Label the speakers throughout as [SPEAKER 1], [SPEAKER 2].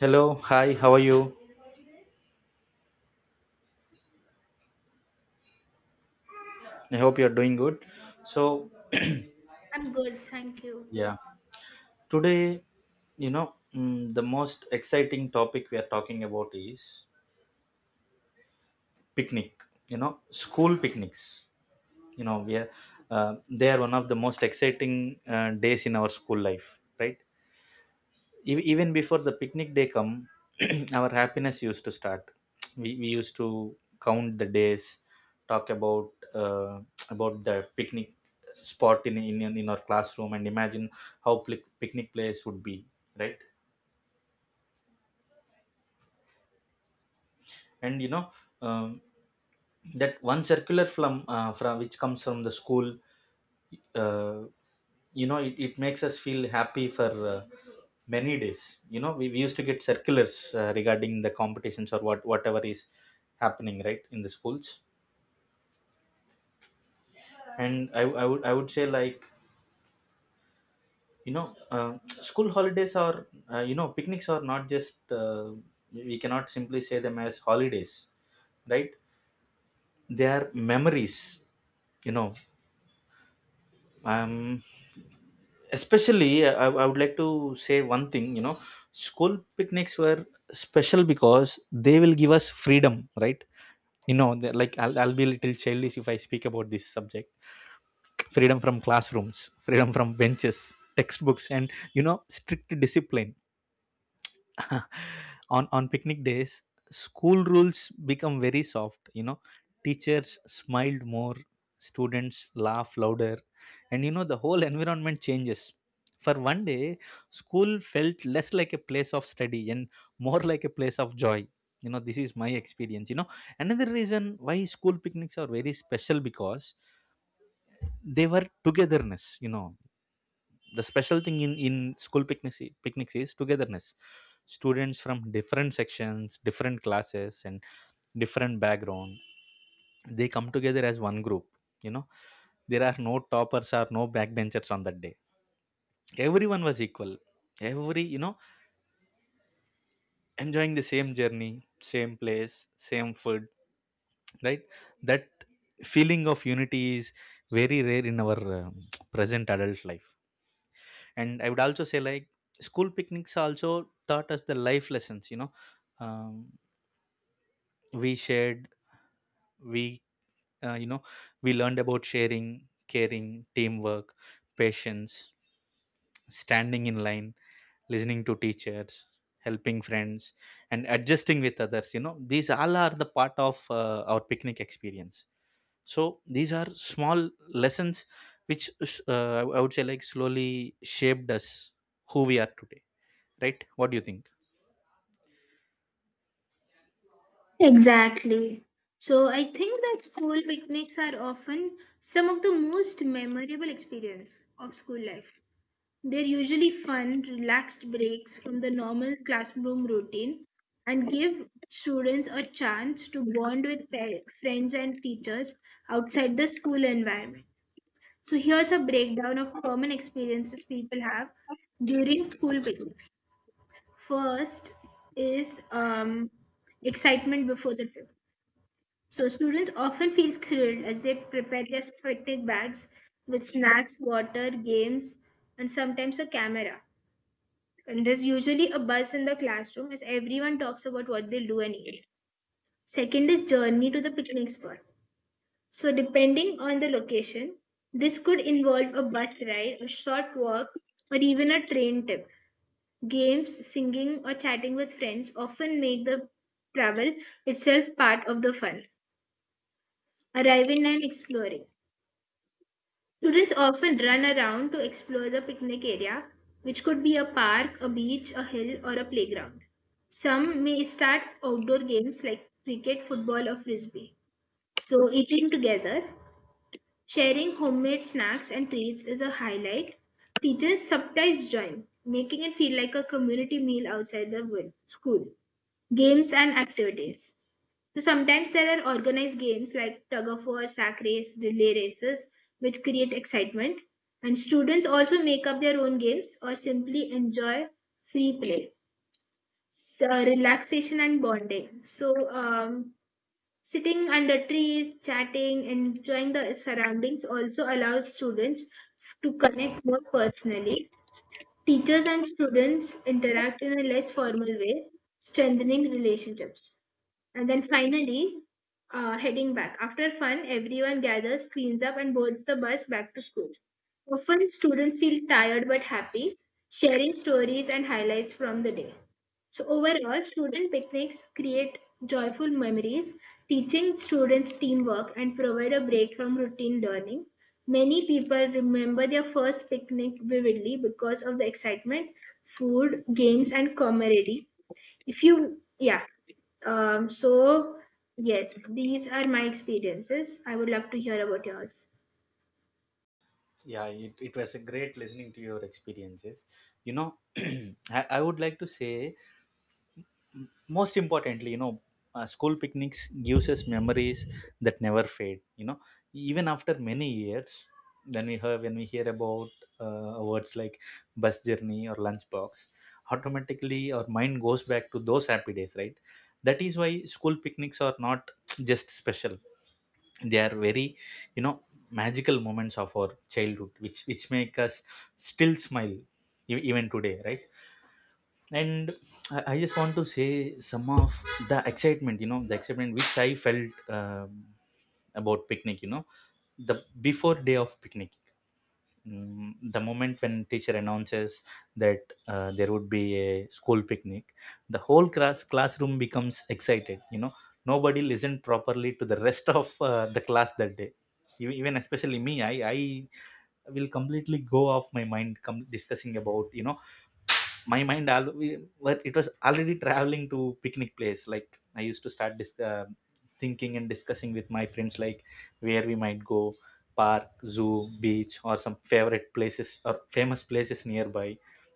[SPEAKER 1] Hello, hi, how are you? I hope you're doing good. So,
[SPEAKER 2] I'm good, thank you.
[SPEAKER 1] yeah, today, the most exciting topic we are talking about is picnic, you know, school picnics. You know, we are, they are one of the most exciting days in our school life, right? Even before the picnic day come our happiness used to start. We used to count the days, talk about the picnic spot in our classroom, and imagine how picnic place would be, right? And um, that one circular from from which comes from the school. uh, it makes us feel happy for many days. We used to get circulars regarding the competitions or whatever is happening, right, in the schools. And I would say, like, school holidays are picnics are not just we cannot simply say them as holidays, right? They are memories, you know um especially. I would like to say one thing. School picnics were special because they will give us freedom, right? They're like, I'll be a little childish if I speak about this subject. Freedom from classrooms, freedom from benches, textbooks, and strict discipline. On picnic days, school rules become very soft. Teachers smiled more, students laugh louder, and the whole environment changes. For one day, school felt less like a place of study and more like a place of joy. This is my experience. Another reason why school picnics are very special because they were togetherness. The special thing in in school picnics is togetherness. Students from different sections, different classes, and different background, they come together as one group you know there are no toppers or no backbenchers on that day. Everyone was equal, every you know enjoying the same journey, same place, same food, right? That feeling of unity is very rare in our present adult life. And I would also say, like, school picnics also taught us the life lessons um, we shared we you know we learned about sharing, caring, teamwork, patience, standing in line, listening to teachers, helping friends, and adjusting with others. These all are the part of our picnic experience. So these are small lessons which, I would say, like, slowly shaped us who we are today. Right, what do you think?
[SPEAKER 2] Exactly. So I think that school picnics are often some of the most memorable experience of school life. They're usually fun, relaxed breaks from the normal classroom routine and give students a chance to bond with friends and teachers outside the school environment. So here's a breakdown of common experiences people have during school picnics. First is excitement before the trip. So students often feel thrilled as they prepare their picnic bags with snacks, water, games, and sometimes a camera. And there's usually a buzz in the classroom as everyone talks about what they'll do and eat. Second is journey to the picnic spot. So depending on the location, this could involve a bus ride, a short walk, or even a train trip. Games, singing, or chatting with friends often make the travel itself part of the fun. Arriving and exploring. Students often run around to explore the picnic area, which could be a park, a beach, a hill, or a playground. Some may start outdoor games like cricket, football, or frisbee. So, eating together, sharing homemade snacks and treats is a highlight. Teachers sometimes join, making it feel like a community meal outside the school. Games and activities. So sometimes there are organized games like tug of war, sack race, relay races, which create excitement. And students also make up their own games or simply enjoy free play. So, relaxation and bonding. So sitting under trees, chatting, enjoying the surroundings also allows students to connect more personally. Teachers and students interact in a less formal way, strengthening relationships. And then finally, heading back. After fun, everyone gathers, cleans up, and boards the bus back to school. Often, students feel tired but happy, sharing stories and highlights from the day. So, overall, student picnics create joyful memories, teaching students teamwork, and provide a break from routine learning. Many people remember their first picnic vividly because of the excitement, food, games, and camaraderie. If you, yeah, so yes, these are my experiences. I would love to hear about yours.
[SPEAKER 1] Yeah, it was a great listening to your experiences. I would like to say, most importantly, school picnics gives us memories that never fade. Even after many years, when we hear about words like bus journey or lunchbox, automatically our mind goes back to those happy days, right? That is why school picnics are not just special, they are very, you know magical moments of our childhood, which make us still smile even today, right? And I just want to say some of the excitement. The excitement which I felt about picnic, the before day of picnic, the moment when teacher announces that there would be a school picnic, the whole classroom becomes excited. Nobody listened properly to the rest of the class that day. Even especially me, I will completely go off my mind, discussing about, my mind al- well, it was already traveling to picnic place, like I used to start thinking and discussing with my friends, like where we might go: park, zoo, beach, or some favorite places or famous places nearby.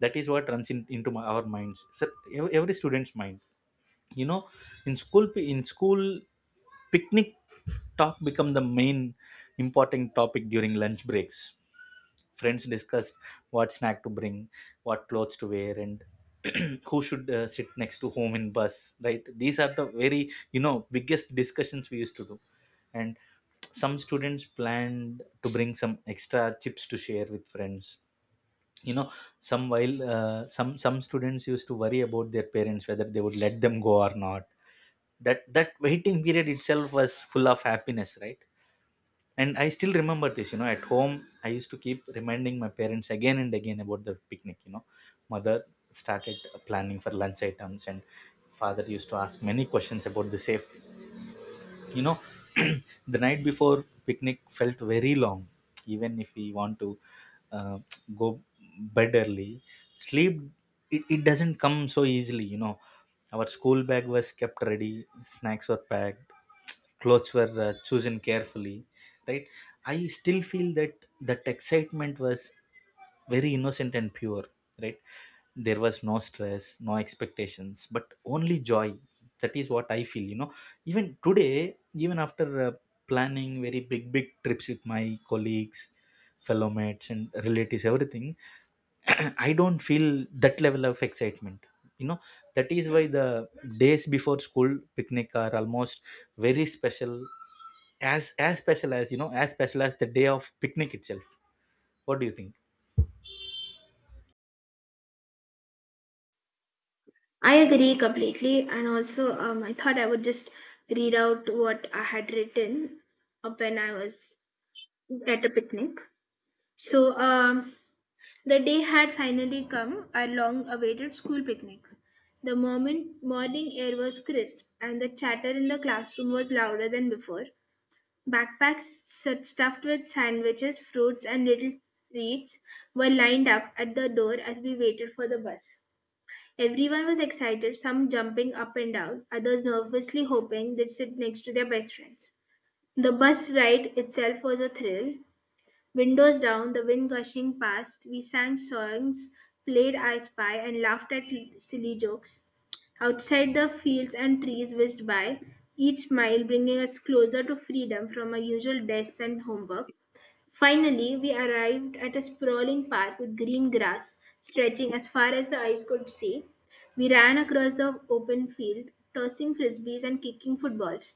[SPEAKER 1] That is what runs into our minds, so every student's mind you know in school picnic talk become the main important topic during lunch breaks. Friends discussed what snack to bring, what clothes to wear, and who should sit next to whom in bus. Right? These are the very, biggest discussions we used to do. And some students planned to bring some extra chips to share with friends. You know some while uh, some some students used to worry about their parents whether they would let them go or not. That waiting period itself was full of happiness, right? And I still remember this, at home, I used to keep reminding my parents again and again about the picnic. Mother started planning for lunch items, and father used to ask many questions about the safety you know the night before picnic felt very long. Even if we want to uh, go bed early, sleep, it doesn't come so easily. Our school bag was kept ready, snacks were packed, clothes were chosen carefully, right? I still feel that that excitement was very innocent and pure, right? There was no stress, no expectations, but only joy. That is what I feel. Even today, even after planning very big, big trips with my colleagues, fellow mates, and relatives, everything, I don't feel that level of excitement. You know, that is why the days before school picnic are almost very special, as special as, as special as the day of picnic itself. What do you think?
[SPEAKER 2] I agree completely, and also I thought I would just read out what I had written up when I was at a picnic. So, the day had finally come, our long awaited school picnic. The moment morning air was crisp and the chatter in the classroom was louder than before. Backpacks stuffed with sandwiches, fruits, and little treats were lined up at the door as we waited for the bus. Everyone was excited, some jumping up and down, others nervously hoping they'd sit next to their best friends. The bus ride itself was a thrill. Windows down, the wind gushing past, we sang songs, played I Spy, and laughed at silly jokes. Outside, the fields and trees whizzed by, each mile bringing us closer to freedom from our usual desks and homework. Finally, we arrived at a sprawling park with green grass stretching as far as the eyes could see. We ran across the open field, tossing frisbees and kicking footballs.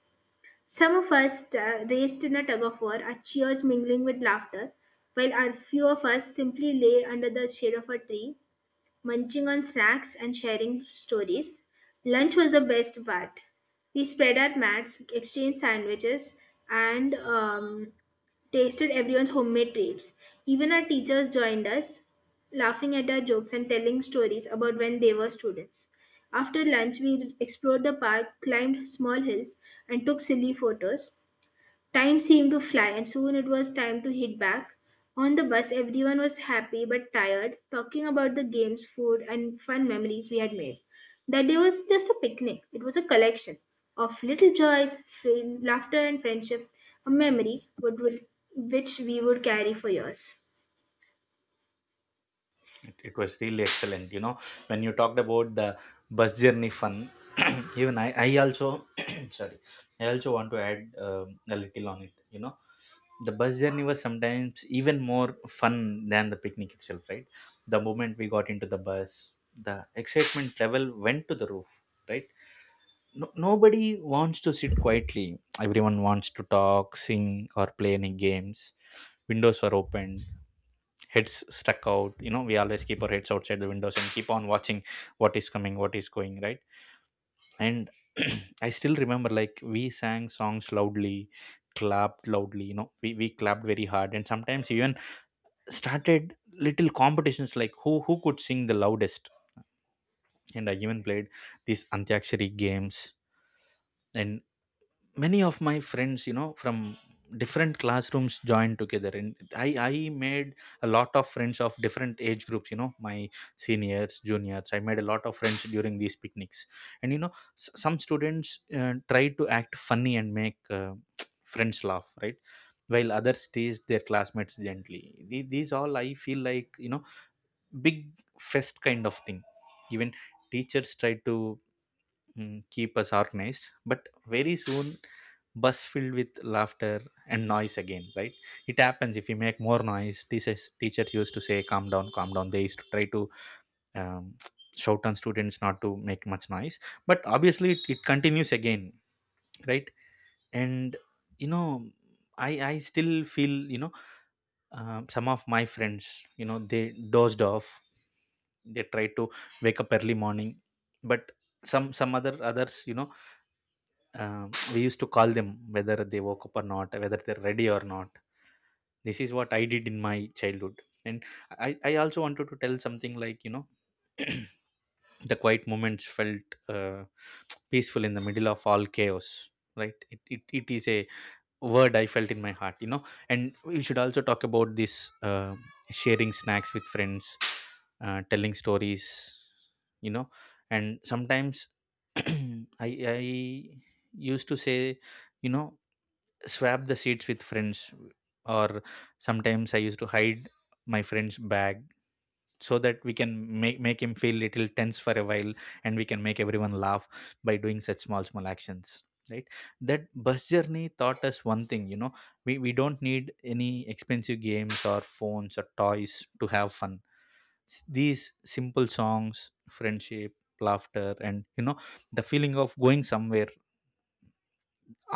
[SPEAKER 2] Some of us raced in a tug of war, our cheers mingling with laughter, while our few of us simply lay under the shade of a tree, munching on snacks and sharing stories. Lunch was the best part. We spread our mats, exchanged sandwiches, and tasted everyone's homemade treats. Even our teachers joined us, laughing at our jokes and telling stories about when they were students. After lunch, we explored the park, climbed small hills, and took silly photos. Time seemed to fly, and soon it was time to hit back. On the bus, everyone was happy but tired, talking about the games, food, and fun memories we had made. That day was just a picnic, it was a collection of little joys, fun, laughter, and friendship, a memory which we would carry for years.
[SPEAKER 1] It was really excellent. When you talked about the bus journey fun, even I also, sorry, I also want to add a little on it. The bus journey was sometimes even more fun than the picnic itself, right? The moment we got into the bus, the excitement level went to the roof, right? No, nobody wants to sit quietly, everyone wants to talk, sing, or play any games. Windows were open, heads stuck out. We always keep our heads outside the windows and keep on watching what is coming, what is going, right? And I still remember, like, we sang songs loudly, clapped loudly. We clapped very hard, and sometimes even started little competitions like who could sing the loudest, and I even played these antyakshari games. And many of my friends, from different classrooms, joined together, and I made a lot of friends of different age groups. My seniors, juniors, I made a lot of friends during these picnics. And some students tried to act funny and make friends laugh, right? While others teased their classmates gently, these all I feel like, big fest kind of thing. Even teachers tried to, keep us organized, but very soon bus filled with laughter and noise again, right? It happens, if you make more noise, teachers used to say calm down, calm down. They used to try to, um, shout on students not to make much noise, but obviously it continues again, right? And you know I still feel you know some of my friends, they dozed off. They tried to wake up early morning, but some others, we used to call them whether they woke up or not, whether they're ready or not. This is what I did in my childhood. And I also wanted to tell something, like, the quiet moments felt peaceful in the middle of all chaos, right? It is a word I felt in my heart. And we should also talk about this, sharing snacks with friends, telling stories you know and sometimes i I used to say, you know swap the seats with friends, or sometimes I used to hide my friend's bag so that we can make him feel little tense for a while, and we can make everyone laugh by doing such small, small actions, right? That bus journey taught us one thing. We don't need any expensive games or phones or toys to have fun. These simple songs, friendship, laughter, and the feeling of going somewhere,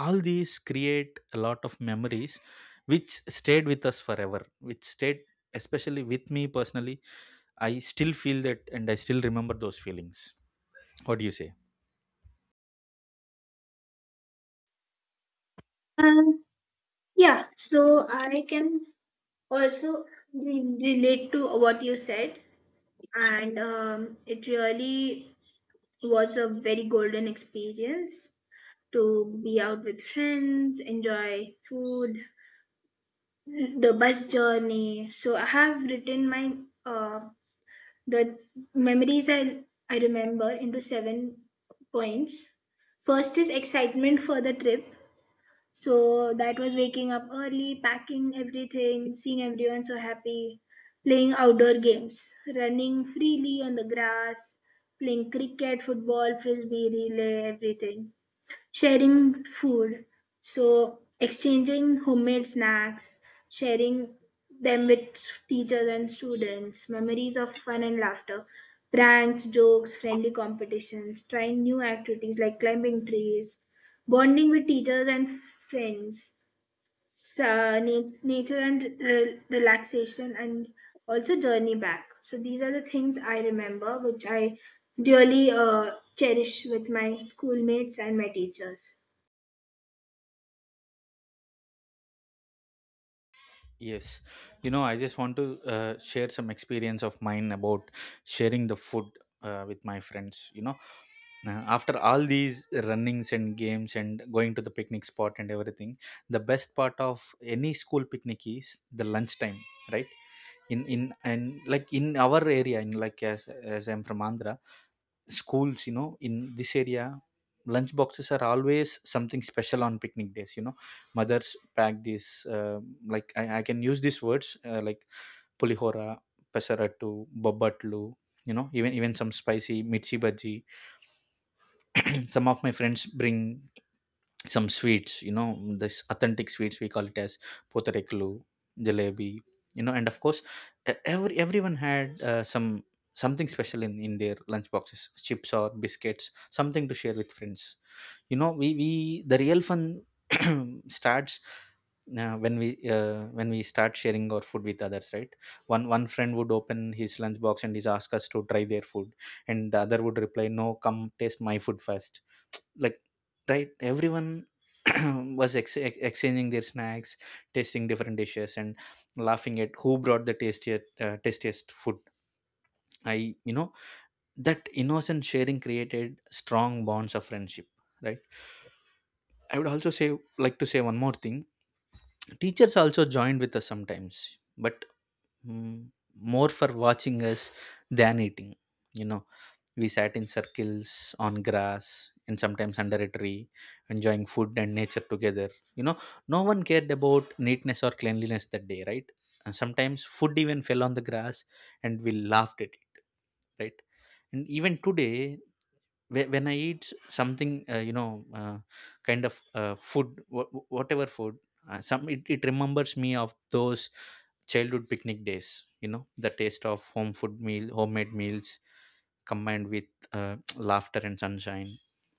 [SPEAKER 1] all these create a lot of memories which stayed with us forever, which stayed especially with me personally. I still feel that, and I still remember those feelings. What do you say?
[SPEAKER 2] Yeah, so I can also relate to what you said, and it really was a very golden experience to be out with friends, enjoy food, the bus journey. So I have written my uh, the memories I remember into 7 points. First is excitement for the trip. So that was waking up early, packing everything, seeing everyone so happy, playing outdoor games, running freely on the grass, playing cricket, football, frisbee, relay, everything. Sharing food, so exchanging homemade snacks, sharing them with teachers and students. Memories of fun and laughter, pranks, jokes, friendly competitions, trying new activities like climbing trees, bonding with teachers and friends. So, nature and relaxation, and also journey back. So these are the things I remember which I really cherish with my schoolmates and my teachers.
[SPEAKER 1] Yes, I just want to share some experience of mine about sharing the food, with my friends. After all these runnings and games and going to the picnic spot and everything, the best part of any school picnic is the lunchtime, right? In and, like, in our area, in, like, as I'm from Andhra schools, in this area, lunch boxes are always something special on picnic days. Mothers pack these, like, I can use these words, like pulihora, pesarattu, babatlu. Even some spicy mirchi bhaji. Some of my friends bring some sweets. This authentic sweets, we call it as potareklu, jalebi. And of course everyone had something special in their lunch boxes, chips or biscuits, something to share with friends you know we The real fun starts uh, when we when we start sharing our food with others, right? One friend would open his lunch box and he's ask us to try their food, and the other would reply, no, come taste my food first." Like, right, everyone was exchanging their snacks, tasting different dishes, and laughing at who brought the tastiest, tastiest food. I you know that innocent sharing created strong bonds of friendship, right? I would also say, like, to say one more thing: teachers also joined with us sometimes, but mm, more for watching us than eating you know We sat in circles on grass and sometimes under a tree, enjoying food and nature together. No one cared about neatness or cleanliness that day, right? And sometimes food even fell on the grass and we laughed at it, right? And even today, when I eat something, kind of food, whatever food, it remembers me of those childhood picnic days. The taste of home food meal, homemade meals, combined with laughter and sunshine.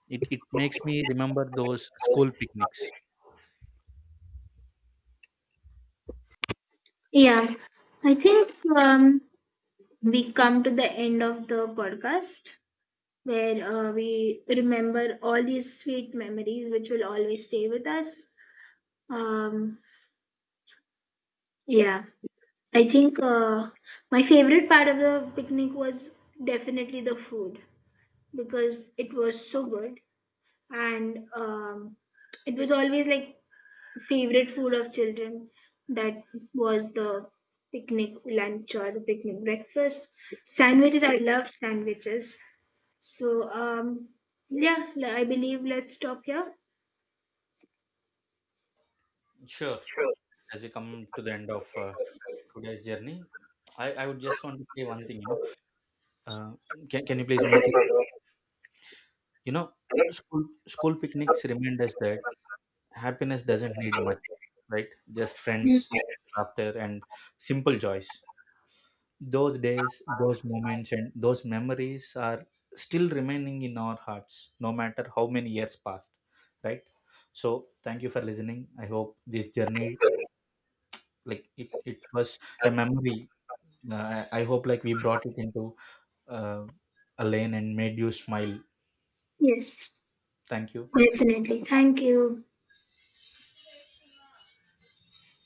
[SPEAKER 1] It makes me remember those school picnics.
[SPEAKER 2] Yeah, I think we come to the end of the podcast where we remember all these sweet memories which will always stay with us. Um, yeah, I think my favorite part of the picnic was definitely the food because it was so good and it was always like favorite food of children. That was the picnic lunch or the picnic breakfast. Sandwiches, I love sandwiches. So, yeah, I believe let's stop here.
[SPEAKER 1] Sure. As we come to the end of today's journey, I would just want to say one thing. Uh, can you please mute it? You know, school picnics remind us that happiness doesn't need much, right? Just
[SPEAKER 2] Yes.
[SPEAKER 1] friends, laughter, and simple joys. Those days, those moments, and those memories are still remaining in our hearts, no matter how many years passed, right? So, thank you for listening. I hope this journey, like it was a memory. I hope, like, we brought it into uh, a lane and made you smile.
[SPEAKER 2] Yes,
[SPEAKER 1] Thank you.
[SPEAKER 2] definitely, thank you.